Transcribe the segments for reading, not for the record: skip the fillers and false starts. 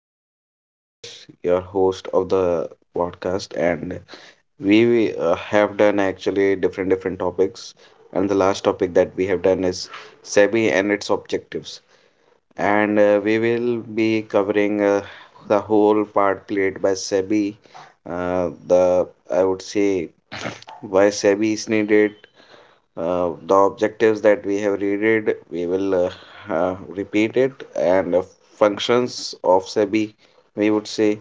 So, this is Yash, your host of the podcast, and we have done actually different topics. And the last topic that we have done is SEBI and its objectives. And we will be covering the whole part played by SEBI. The I would say why SEBI is needed, the objectives that we have read, we will repeat it, and functions of SEBI, we would say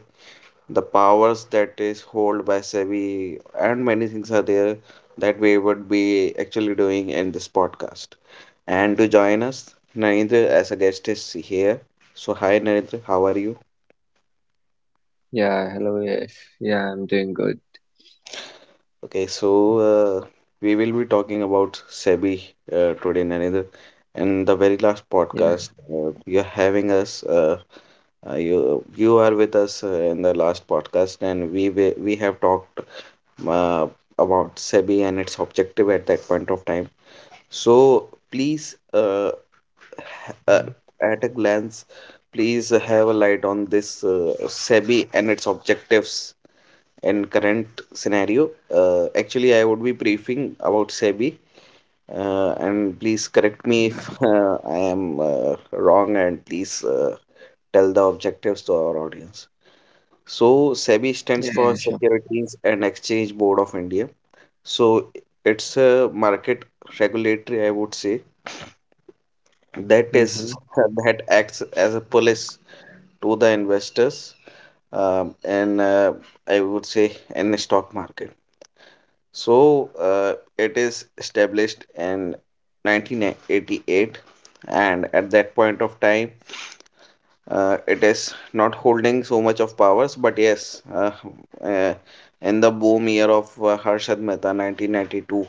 the powers that is hold by SEBI, and many things are there that we would be actually doing in this podcast. And to join us, Narendra as a guest is here. So, hi Narendra, how are you? Yeah, hello, yes. Yeah, I'm doing good. Okay, so uh, we will be talking about SEBI today, Narendra. In the very last Yeah, podcast, you're having us. Uh, you you are with us in the last podcast, and we have talked uh, about SEBI and its objective at that point of time. So please, ha- Mm. uh, Mm, at a glance, please have a light on this SEBI and its objectives and current scenario. Actually, I would be briefing about SEBI, and please correct me if yeah, I am wrong, and please tell the objectives to our audience. So, SEBI stands yeah, for yeah, sure. Securities and Exchange Board of India. So, it's a market regulatory, I would say, that Mm-hmm, is that acts as a police to the investors and I would say in the stock market. So it is established in 1988, and at that point of time, it is not holding so much of powers. But yes, uh, in the boom year of Harshad Mehta, 1992,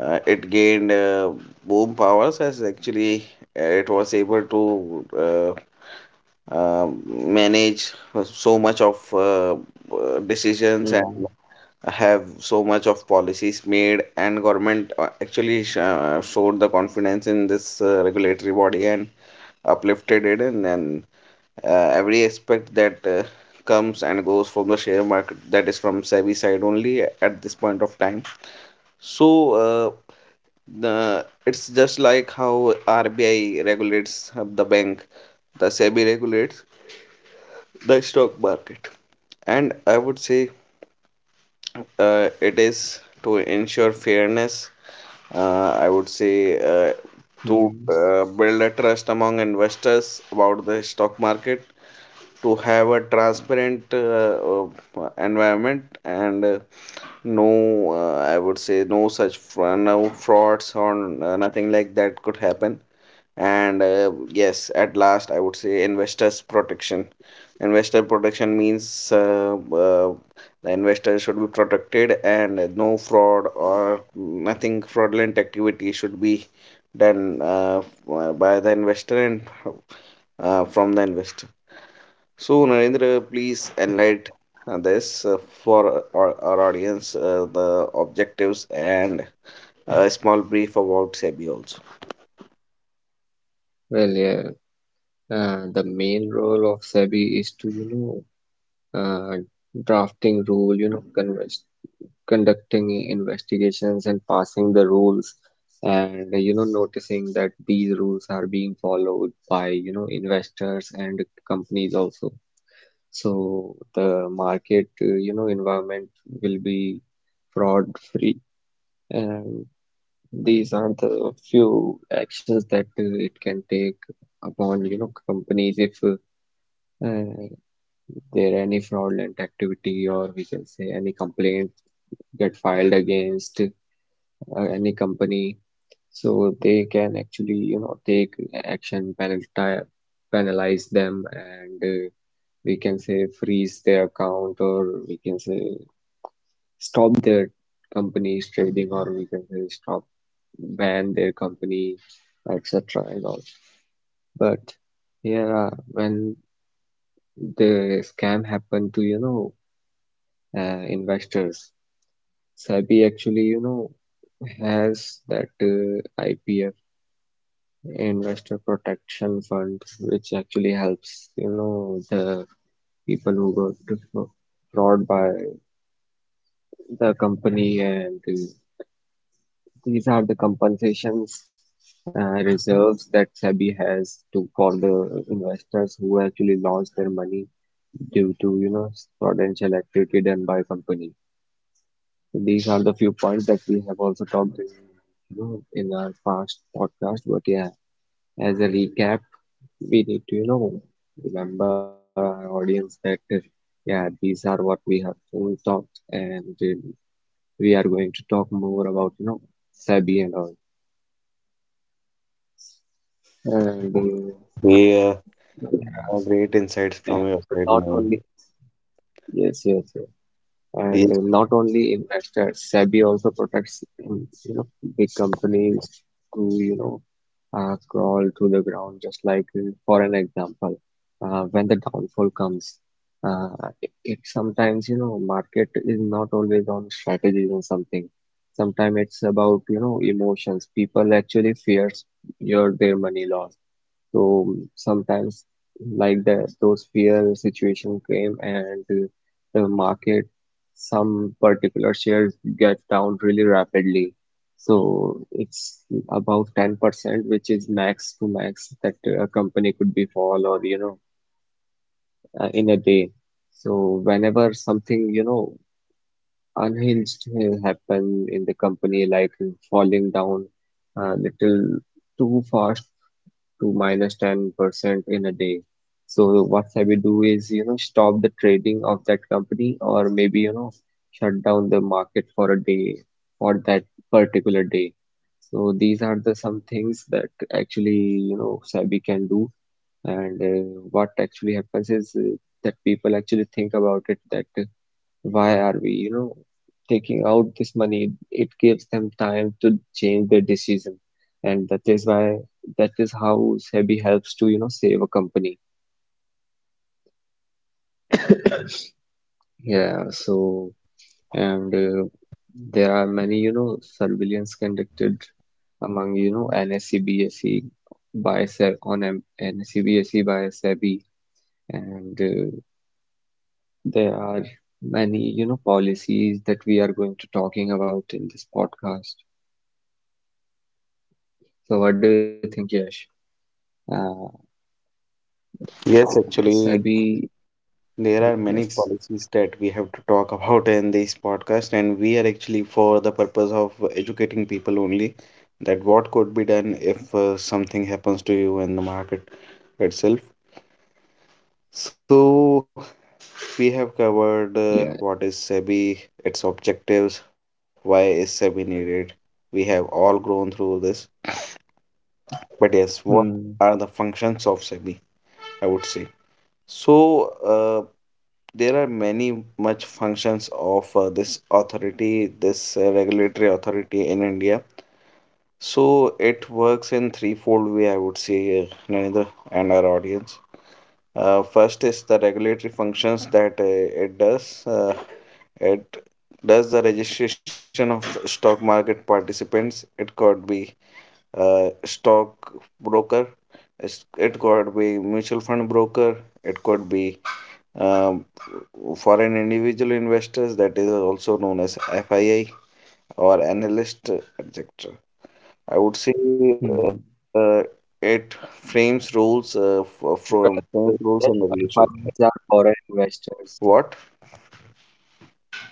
it gained boom powers as actually it was able to manage so much of decisions and mm-hmm, have so much of policies made, and government actually showed the confidence in this regulatory body and uplifted it. And then every aspect that comes and goes from the share market, that is from SEBI side only at this point of time. So uh, the it's just like how RBI regulates the bank, the SEBI regulates the stock market. And I would say it is to ensure fairness, I would say, to mm. Build a trust among investors about the stock market, to have a transparent environment, and no, I would say no such no frauds or nothing like that could happen. And yes, at last I would say investors protection. Investor protection means the investor should be protected and no fraud or nothing fraudulent activity should be done by the investor and from the investor. So Narendra, please Yeah, enlighten this, for our audience, the objectives and a small brief about SEBI also. well, yeah, the main role of SEBI is to, know, uh, drafting rule, convers conducting investigations and passing the rules and, noticing that these rules are being followed by, investors and companies also. So the market, environment will be fraud free. And these are the few actions that it can take upon, companies if there are any fraudulent activity, or we can say any complaint get filed against any company. So they can actually, take action, penalti penalize them, and we can say freeze their account, or we can say stop their companies trading, or we can say stop, ban their company, etc. and all. But yeah, when the scam happened to, investors, SEBI actually, has that IPF, investor protection fund, which actually helps, the people who got fraud by the company. And These are the compensations, reserves that SEBI has to, for the investors who actually lost their money due to, prudential activity done by a company. So these are the few points that we have also talked in, in our past podcast. But yeah, as a recap, we need to, remember our audience that yeah, these are what we have to talk, and we are going to talk more about, SEBI and all. And uh, Yeah. There are, Great insights from your and side, not Noel. only, yes, yes, yes, and Yes, not only investors. SEBI also protects, big companies who, crawl to the ground. Just like, for an example, when the downfall comes, uh, it sometimes, market is not always on strategies and something. Sometimes it's about, emotions. People actually fears your their money loss. So sometimes, like the those fear situation came, and the market, some particular shares get down really rapidly. So it's about 10%, which is max to max that a company could be fall, or, in a day. So whenever something, unhinged happen in the company, like falling down a little too fast to 10% in a day. So what SEBI do is, stop the trading of that company, or maybe, shut down the market for a day, for that particular day. So these are the some things that actually, SEBI can do. And what actually happens is, that people actually think about it that, why are we, taking out this money? It gives them time to change their decision. And that is why, that is how SEBI helps to, save a company. Yeah, so, and there are many, surveillance conducted among, NSE, BSE by SEBI. And there are many, policies that we are going to talking about in this podcast. So what do you think, Yash? Uh, yes, actually, SIB, there yes, are many policies that we have to talk about in this podcast, and we are actually for the purpose of educating people only, that what could be done if something happens to you in the market itself. So, yeah. we have covered what is SEBI, its objectives, why is SEBI needed. We have all grown through this, Hmm. but yes, what are the functions of SEBI? I would say. So, there are many much functions of this authority, this regulatory authority in India. So, it works in threefold way, I would say, Narendra and our audience. First is the regulatory functions that it does. It does the registration of stock market participants. It could be stock broker. It could be mutual fund broker. It could be um, foreign individual investors, that is also known as FII, or analyst, etc. Hmm. I would say uh, it Well, yes, frames rules and FIIs regulations. are foreign investors. What?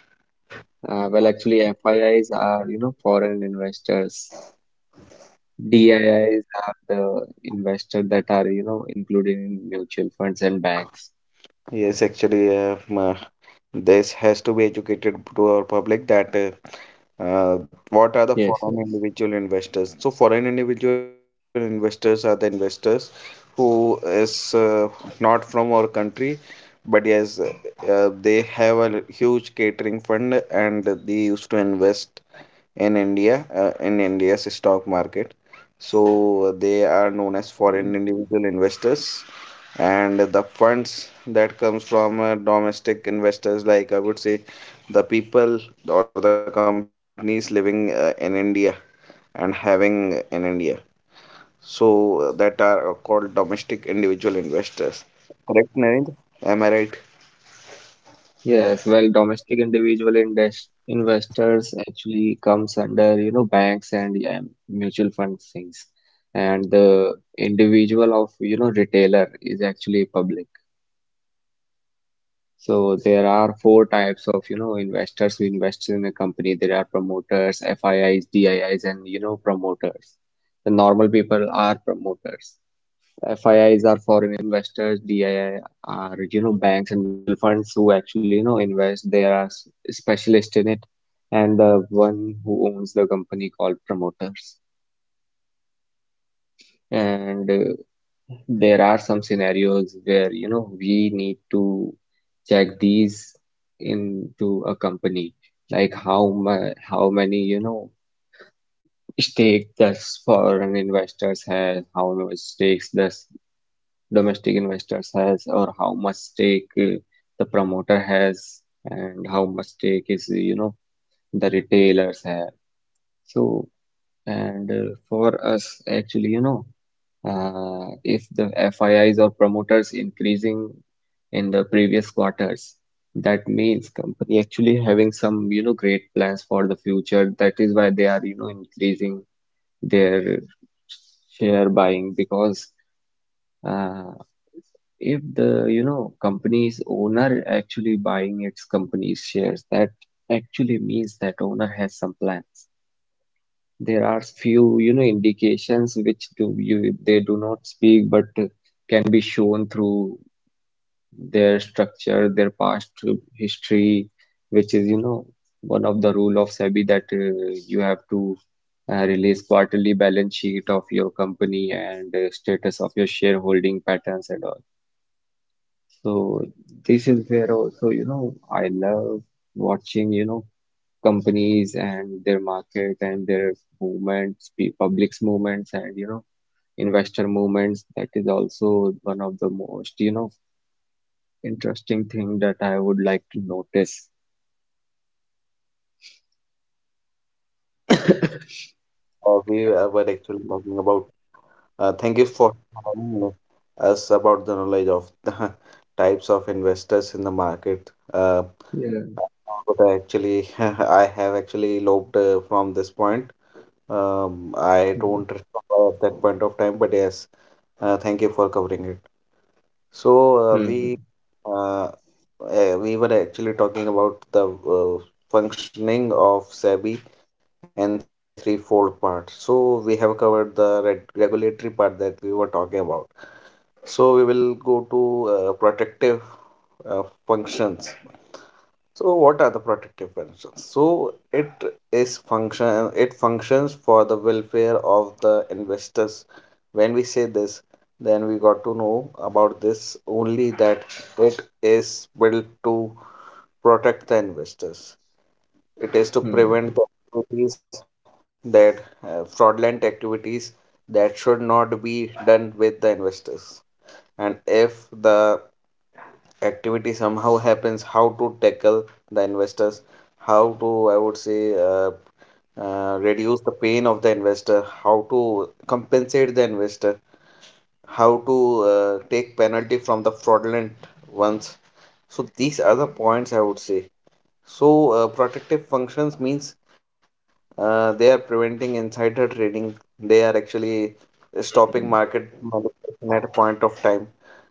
Well, actually, FIIs are, foreign investors. DIIs are the investor that are, included in mutual funds and banks. Yes, actually, this has to be educated to our public that what Yes, are the yes. foreign individual investors? So foreign individual investors are the investors who is not from our country, but yes, they have a huge catering fund and they used to invest in India, in India's stock market. So they are known as Yeah. foreign individual investors, and the funds that comes from domestic investors, like I would say, the people or the companies living in India and having in India. So that are called domestic individual investors. Narendra, am I right? Yes, well, domestic individual investors actually comes under, banks, and yeah, mutual fund things. And the individual of, retailer is actually public. So there are four types of, investors who invest in a company. There are promoters, FIIs, DIIs, and, promoters. The normal people are promoters. FIIs are foreign investors, DII are, banks and mutual funds, who actually, invest. They are specialist in it, and the one who owns the company called promoters. And there are some scenarios where, we need to check these into a company, like how many, stake does foreign investors have, how much stakes does domestic investors has, or how much stake the promoter has, and how much stake is, the retailers have. So, and for us actually, if the FIIs or promoters increasing in the previous quarters, that means company actually having some, great plans for the future. That is why they are, increasing their share buying, because uh, if the, company's owner actually buying its company's shares, that actually means that owner has some plans. There are few, indications which do you they do not speak, but can be shown through their structure, their past history, which is, one of the rule of SEBI, that you have to release quarterly balance sheet of your company, and status of your shareholding patterns and all. So this is where also, I love watching, companies and their market and their movements, public's movements, and, investor movements. That is also one of the most, interesting thing that I would like to notice. Yes, Narendra. We were And actually talking about thank you for telling us about the knowledge of the types of investors in the market. Yeah. But actually, I have actually eloped from this point. I Mhm. don't remember at that point of time, but yes, thank you for covering it. So uh, we Mhm. uh, we were actually talking about the functioning of SEBI and threefold part. So we have covered the regulatory part that we were talking about. So we will go to protective uh, functions. So what are the protective functions? So it functions for the welfare of the investors. When we say this, then we got to know about this only, that it is built to protect the investors. It is to Mhm. prevent the activities that fraudulent activities that should not be done with the investors. And if the activity somehow happens, how to tackle the investors, how to, I would say, reduce the pain of the investor, how to compensate the investor, how to take penalty from the fraudulent ones. So these are the points I would say. So protective functions means they are preventing insider trading, they are actually stopping Mhm. market manipulation at a point of time,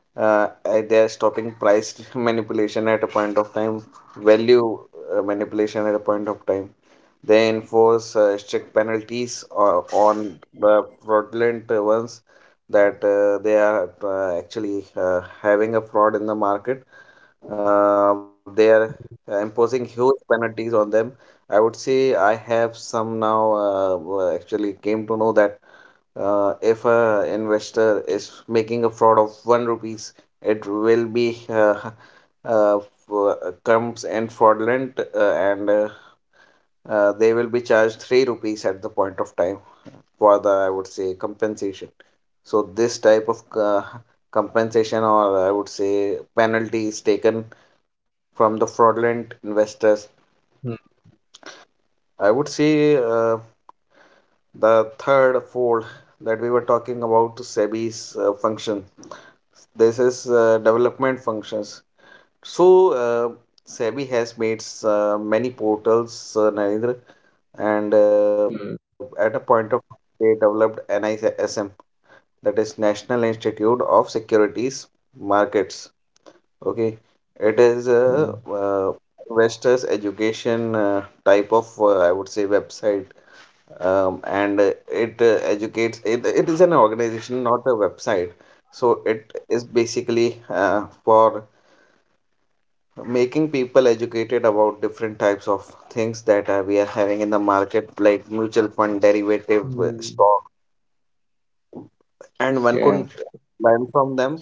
they are stopping price manipulation at a point of time, value manipulation at a point of time. They enforce strict penalties on the fraudulent ones, that they are actually having a fraud in the market. They are Mhm. imposing huge penalties on them. I would say I have some now actually came to know that if a investor is making a fraud of 1 rupee, it will be uh, f- comes and fraudulent and they will be charged 3 rupees at the point of time for the, I would say, compensation. So this type of compensation, or I would say penalty, is taken from the fraudulent investors. Mhm. I would say the third fold that we were talking about, SEBI's function, this is development functions. So SEBI has made many portals, Narendra, and Mhm. Mhm. at a point of they developed NISM, that is National Institute of Securities Markets. Okay, it is a investors education type of I would say website. And it educates. It is an organization, not a website. So it is basically for making people educated about different types of things that we are having in the market, like mutual fund, derivative, Mhm. stock. And one Yeah. could learn from them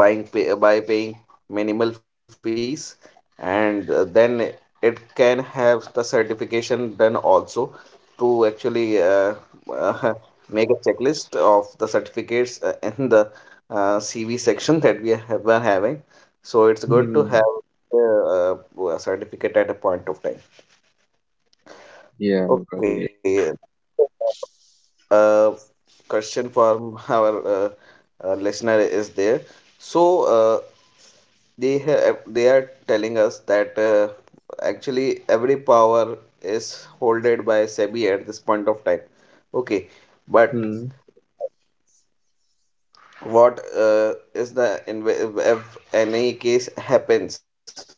by paying minimal fees, and then it can have the certification done also, to actually uh, make a checklist of the certificates in the CV section that we have been having. So it's good to Mhm. have uh, a certificate at a point of time. Yeah, Okay, well, yes. uh, question from our listener is there. So, they are telling us that actually every power is holded by SEBI at this point of time. Okay, but Hmm. what is the if any case happens?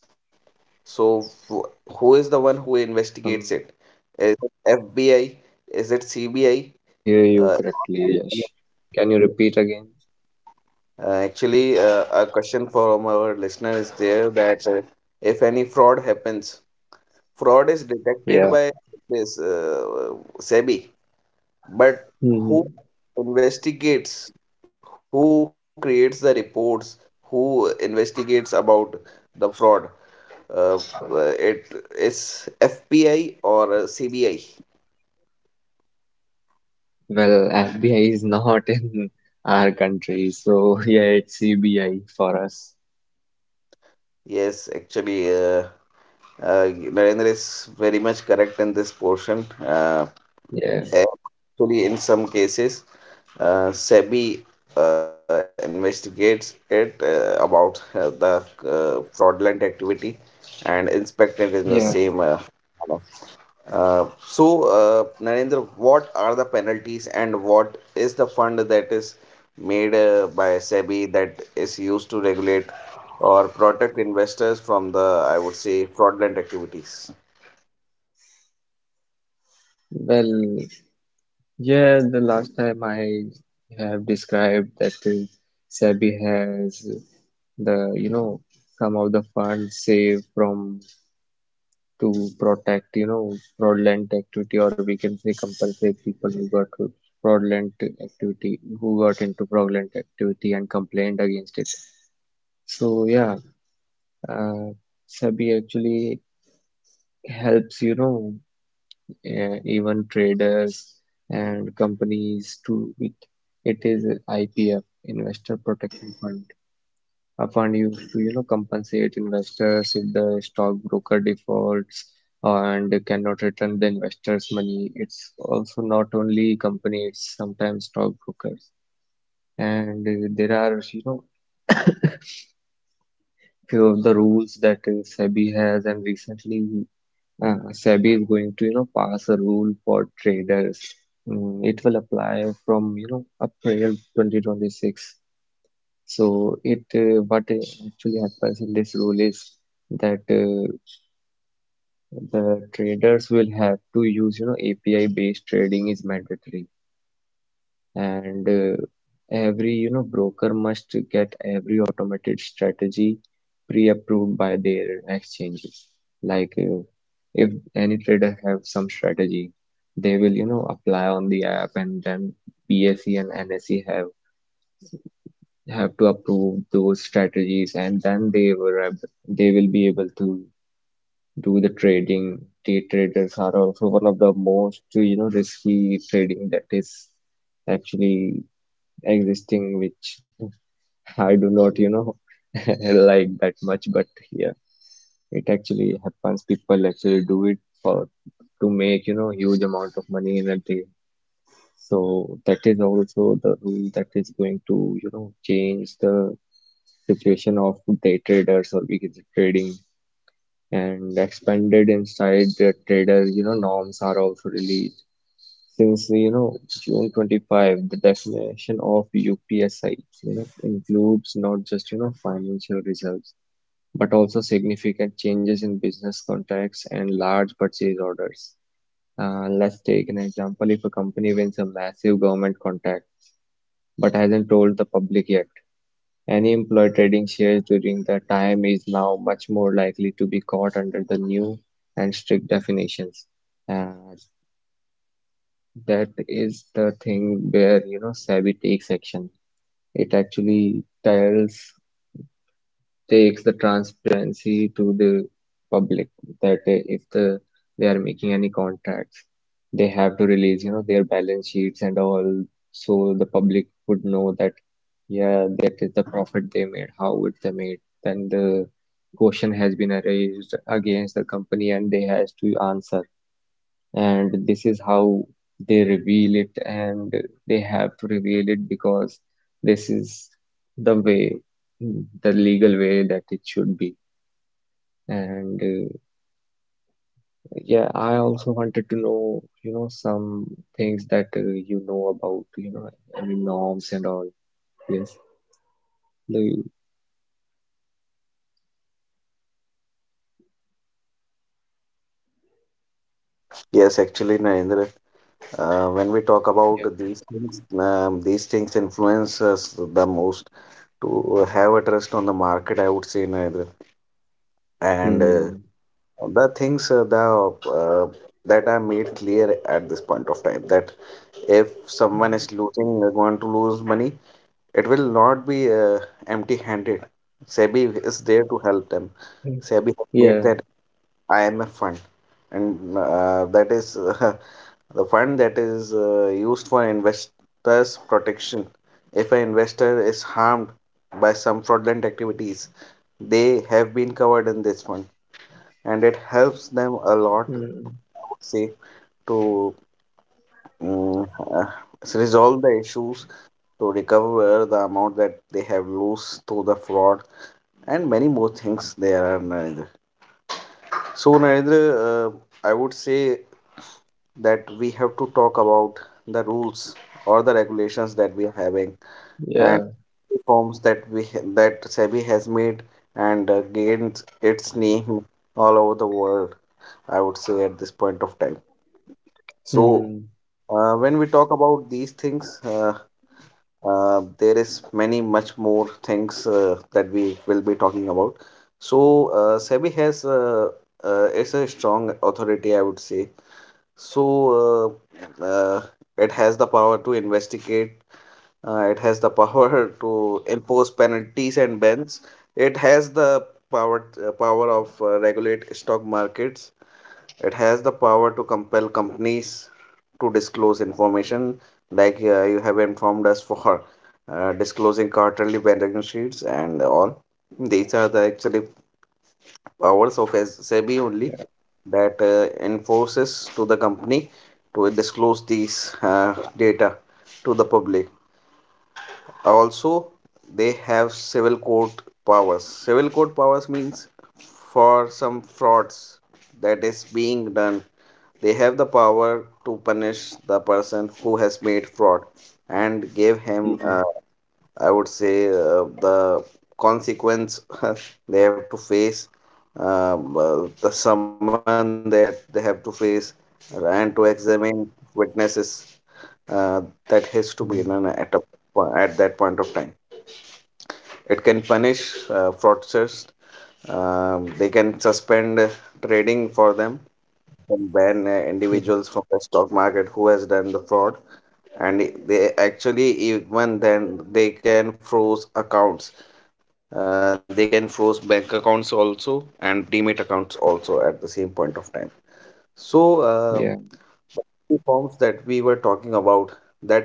So who is the one who investigates it? Is Um, it FBI? I Is it guess CBI? I didn't hear Uh, you correctly, Yash. Can you repeat again? Actually, a question from our listener is there, that if any fraud happens, fraud is Yeah. detected by this SEBI, but Hmm. who investigates, who creates the reports, who investigates about the fraud? It is FBI or CBI. Well, FBI is not in our country, so yeah, it's CBI for us. Yes, actually, uh, Narendra is very much correct in this portion. Yeah, Actually, in some cases, SEBI investigates it about the fraudulent activity and inspect it in the same yeah. Manner. Uh, so, Narendra, what are the penalties and what is the fund that is made by SEBI, that is used to regulate or protect investors from the, I would say, fraudulent activities? Well, yeah, the last time I have described that SEBI has the, some of the funds saved from, to protect, fraudulent activity, or we can say compensate people who got fraudulent, who got into fraudulent activity and complained against it. So yeah, uh, SEBI actually helps, even traders and companies to it. It is IPF, Investor Protection Fund, a fund used to, compensate investors if the stockbroker defaults and cannot return the investors money. It's also not only companies, sometimes stockbrokers. And there are, few of the rules that SEBI has. And recently SEBI is going to, pass a rule for traders. Mm, it will apply from, April 2026. So it what actually happens in this rule is that the traders will have to use, API based trading is mandatory. And every, broker must get every automated strategy pre-approved by their exchanges. Like if any trader have some strategy, they will, apply on the app, and then BSE and NSE have to approve those strategies, and then they will be able to do the trading. Day traders are also one of the most, risky trading that is actually existing, which I do not, like that much. But yeah, it actually happens. People actually do it for to make, huge amount of money in a day. So that is also the rule that is going to, change the situation of day traders, or because trading and expanded inside the trader, norms are also released. Since, June 25, the definition of UPSI, includes not just, financial results, but also significant changes in business contacts and large purchase orders. Let's take an example. If a company wins a massive government contract but hasn't told the public yet, any employee trading shares during that time is now much more likely to be caught under the new and strict definitions. And that is the thing where, SEBI takes action. It actually tells takes the transparency to the public, that if the, they are making any contracts, they have to release, their balance sheets and all, so the public would know that, yeah, that is the profit they made, how it they made. Then the question has been raised against the company, and they has to answer. And this is how they reveal it, and they have to reveal it, because this is the way the legal way that it should be. And yeah, I also wanted to know, some things that you know about, any norms and all. Yes. do you Yes, actually, Narendra. When we talk about Yeah. These things influence us the most to have a trust on the market. I would say, Narendra. And Hmm. The things the that are made clear at this point of time that if someone is losing going to lose money, it will not be empty-handed. SEBI is there to help them. Mm. SEBI has made Yeah. that IMF fund, and that is the fund that is used for investors' protection. If an investor is harmed by some fraudulent activities, they have been covered in this fund, and it helps them a lot, Mm. say, to mm, uh, resolve the issues, to recover the amount that they have lost through the fraud, and many more things there are, Narendra. So, Narendra, I would say that we have to talk about the rules or the regulations that we are having and Yeah. reforms that that SEBI has made and gained its name all over the world, I would say, at this point of time. So Mm. When we talk about these things, there is many much more things that we will be talking about. So SEBI has it's a strong authority, I would say. So uh, uh, it has the power to investigate. It has the power to impose penalties and bans. It has the power of regulate stock markets. It has the power to compel companies to disclose information, like you have informed us for disclosing quarterly balance sheets and all. These are the actually powers of SEBI only Yeah. that enforces to the company to disclose these data to the public. Also, they have civil court powers. Civil court powers means for some frauds that is being done, they have the power to punish the person who has made fraud and give him Mm. I would say the consequence they have to face, the summon that they have to face, and to examine witnesses uh, that has to be done Mm. At that point of time. It can punish fraudsters. They can suspend trading for them and ban individuals from Mm. the stock market who has done the fraud, and they actually, even then, they can froze accounts. They can froze bank accounts also and demat accounts also at the same point of time. So uh, Yeah. two forms that we were talking about, that is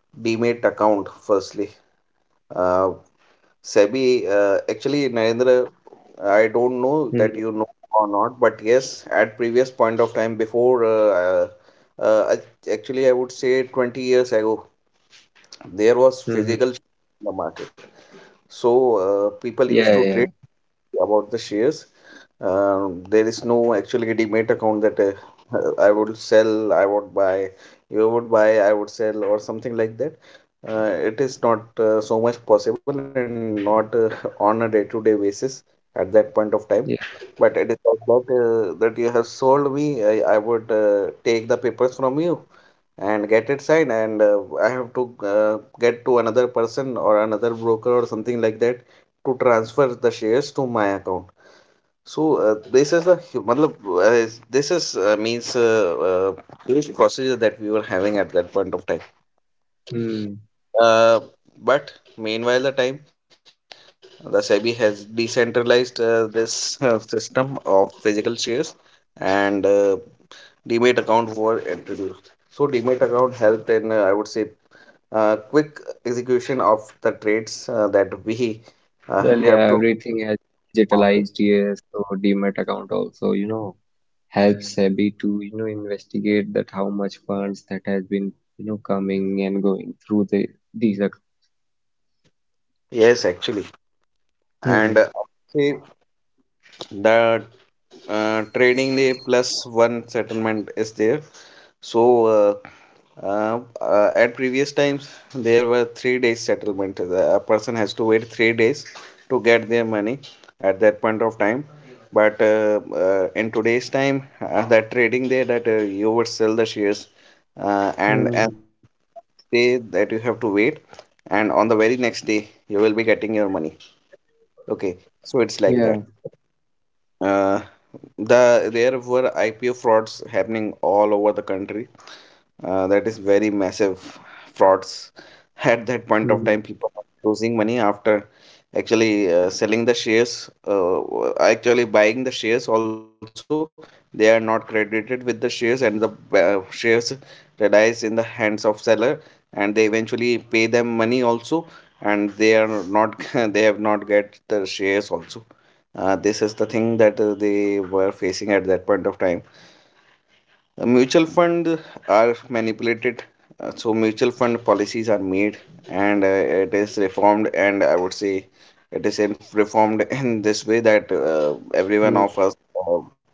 demat account firstly. uh, SEBI, actually, Narendra, I don't know that Mm-hmm. you know or not, but yes, at previous point of time, before actually, I would say 20 years ago, there was physical Mm-hmm. in the market. So people used Yeah, to yeah, trade about the shares. There is no actually demat account that I would sell, I would buy, you would buy, I would sell, or something like that. It is not so much possible and not on a day-to-day basis at that point of time. yeah. But it is like that that you have sold me. I would take the papers from you and get it signed, and I have to get to another person or another broker or something like that to transfer the shares to my account. So this is matlab, this is means huge procedure that we were having at that point of time. Hmm. uh, but meanwhile the time, the SEBI has decentralized this system of physical shares, and demat account were introduced. So demat account helped in I would say quick execution of the trades that we Well, yeah, have to everything has been digitalized market. here, so Demat account also, helps SEBI to, investigate that how much funds that has been, coming and going through these. Yes, actually, and Hmm. I would say the trading day plus one settlement is there. So at previous times there were 3 days settlement. A person has to wait 3 days to get their money at that point of time. But in today's time that trading day that you would sell the shares, and Hmm. day that you have to wait, and on the very next day you will be getting your money. Okay, so it's like that. Yeah. uh, the there were IPO frauds happening all over the country. That is very massive frauds. At that point of time, Hmm. people were losing money after actually selling the shares, actually buying the shares. Also, they are not credited with the shares, and the shares relies in the hands of seller, and they eventually pay them money also, and they are not they have not get the shares also. This is the thing that they were facing at that point of time. Mutual fund are manipulated, so mutual fund policies are made, and it is reformed. And I would say it is in, reformed in this way that everyone of Hmm. us, uh,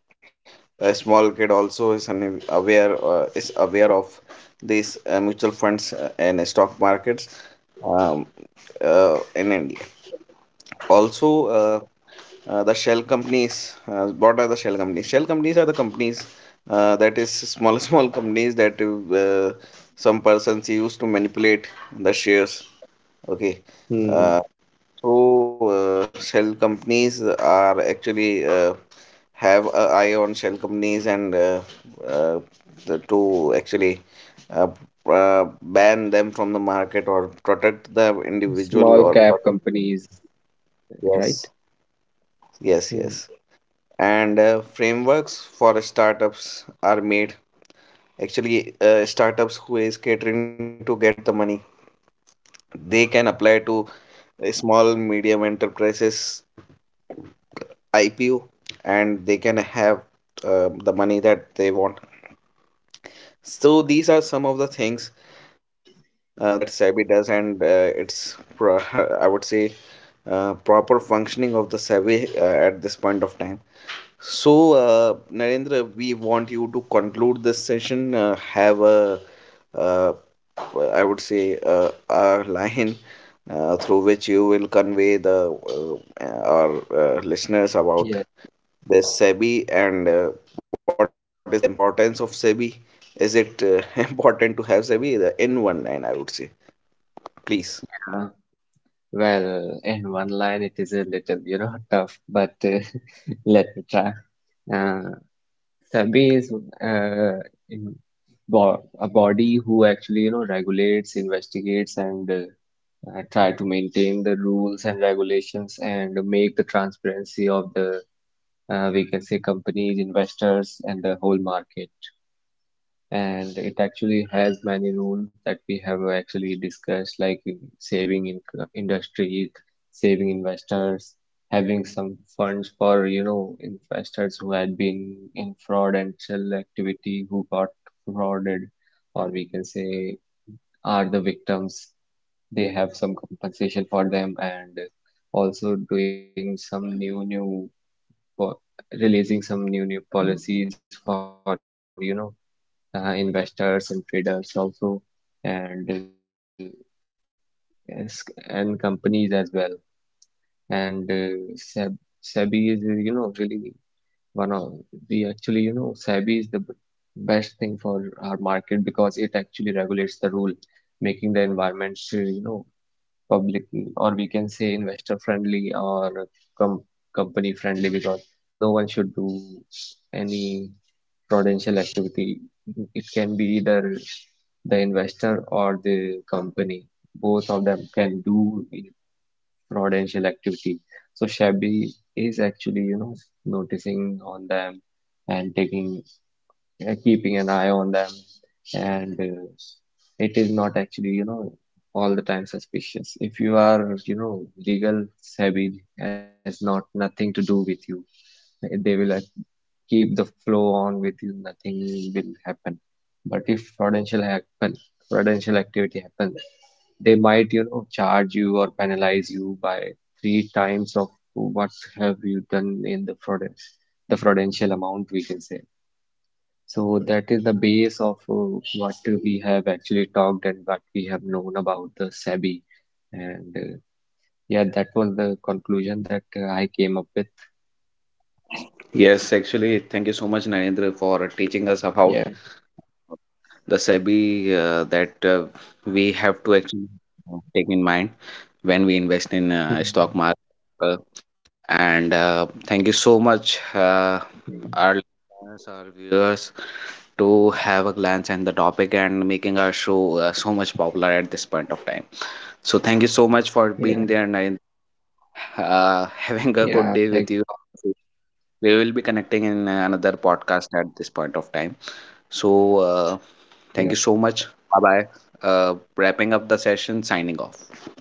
a small kid also is aware, is aware of these mutual funds and stock markets, um, in India also. uh, the shell companies, what are the shell companies? Shell companies are the companies that is small small companies that some persons use to manipulate the shares, okay. Hmm. uh, so shell companies are actually have a eye on shell companies, and uh, to actually uh, ban them from the market, or protect the individual, Small or cap protect, companies, yes. right? Yes, Hmm. yes. And frameworks for startups are made. Actually, startups who is catering to get the money, they can apply to Hmm. a small medium enterprises IPO, and they can have the money that they want. So these are some of the things that SEBI does, and it's pro I would say proper functioning of the SEBI at this point of time. So, Narendra, we want you to conclude this session. Have a, uh, I would say, a line through which you will convey the our listeners about Yes, yes. the SEBI, and what is the importance of SEBI. Is it important to have SEBI? In one line, I would say. Please. Yeah. Well, in one line, it is a little, tough, but let me try. Uh, Sabi is uh, in bo a body who actually, regulates, investigates, and try to maintain the rules and regulations, and make the transparency of the, we can say, companies, investors, and the whole market. And it actually has many rules that we have actually discussed, like saving in industries, saving investors, having some funds for, investors who had been in fraud and shell activity, who got frauded, or we can say are the victims, they have some compensation for them. And also doing some new po- releasing some new policies for, investors and traders also. And yes, and companies as well. And SEBI is you know, really one of the, actually, you know, SEBI is the best thing for our market, because it actually regulates the rule, making the environment, public, or we can say investor friendly, or com company friendly, because no one should do any prudential activity. It can be either the investor or the company, both of them can do fraudulent activity. So Shabby is actually, noticing on them and keeping an eye on them. And it is not actually, all the time suspicious. If you are, legal savvy has not nothing to do with you. They will keep the flow on with you. Nothing will happen. But if fraudulent happen, fraudulent activity happens, they might, charge you or penalize you by three times of what have you done in the fraud, the fraudulential amount, we can say. So that is the base of what we have actually talked and what we have known about the SEBI. And yeah, that was the conclusion that I came up with. Yes, actually, thank you so much, Narendra, for teaching us Yeah. about the SEBI that we have to actually take in mind when we invest in Hmm. stock market. Uh, and Thank you so much, Mm. our listeners, our viewers, to have a glance and the topic and making our show so much popular at this point of time. So thank you so much for Yeah. being there, and having a good Yeah. day Thank with you you. so much. We will be connecting in Yeah. another podcast at this point of time. So, Yeah. thank you so much. Bye bye. Wrapping up the session, signing off.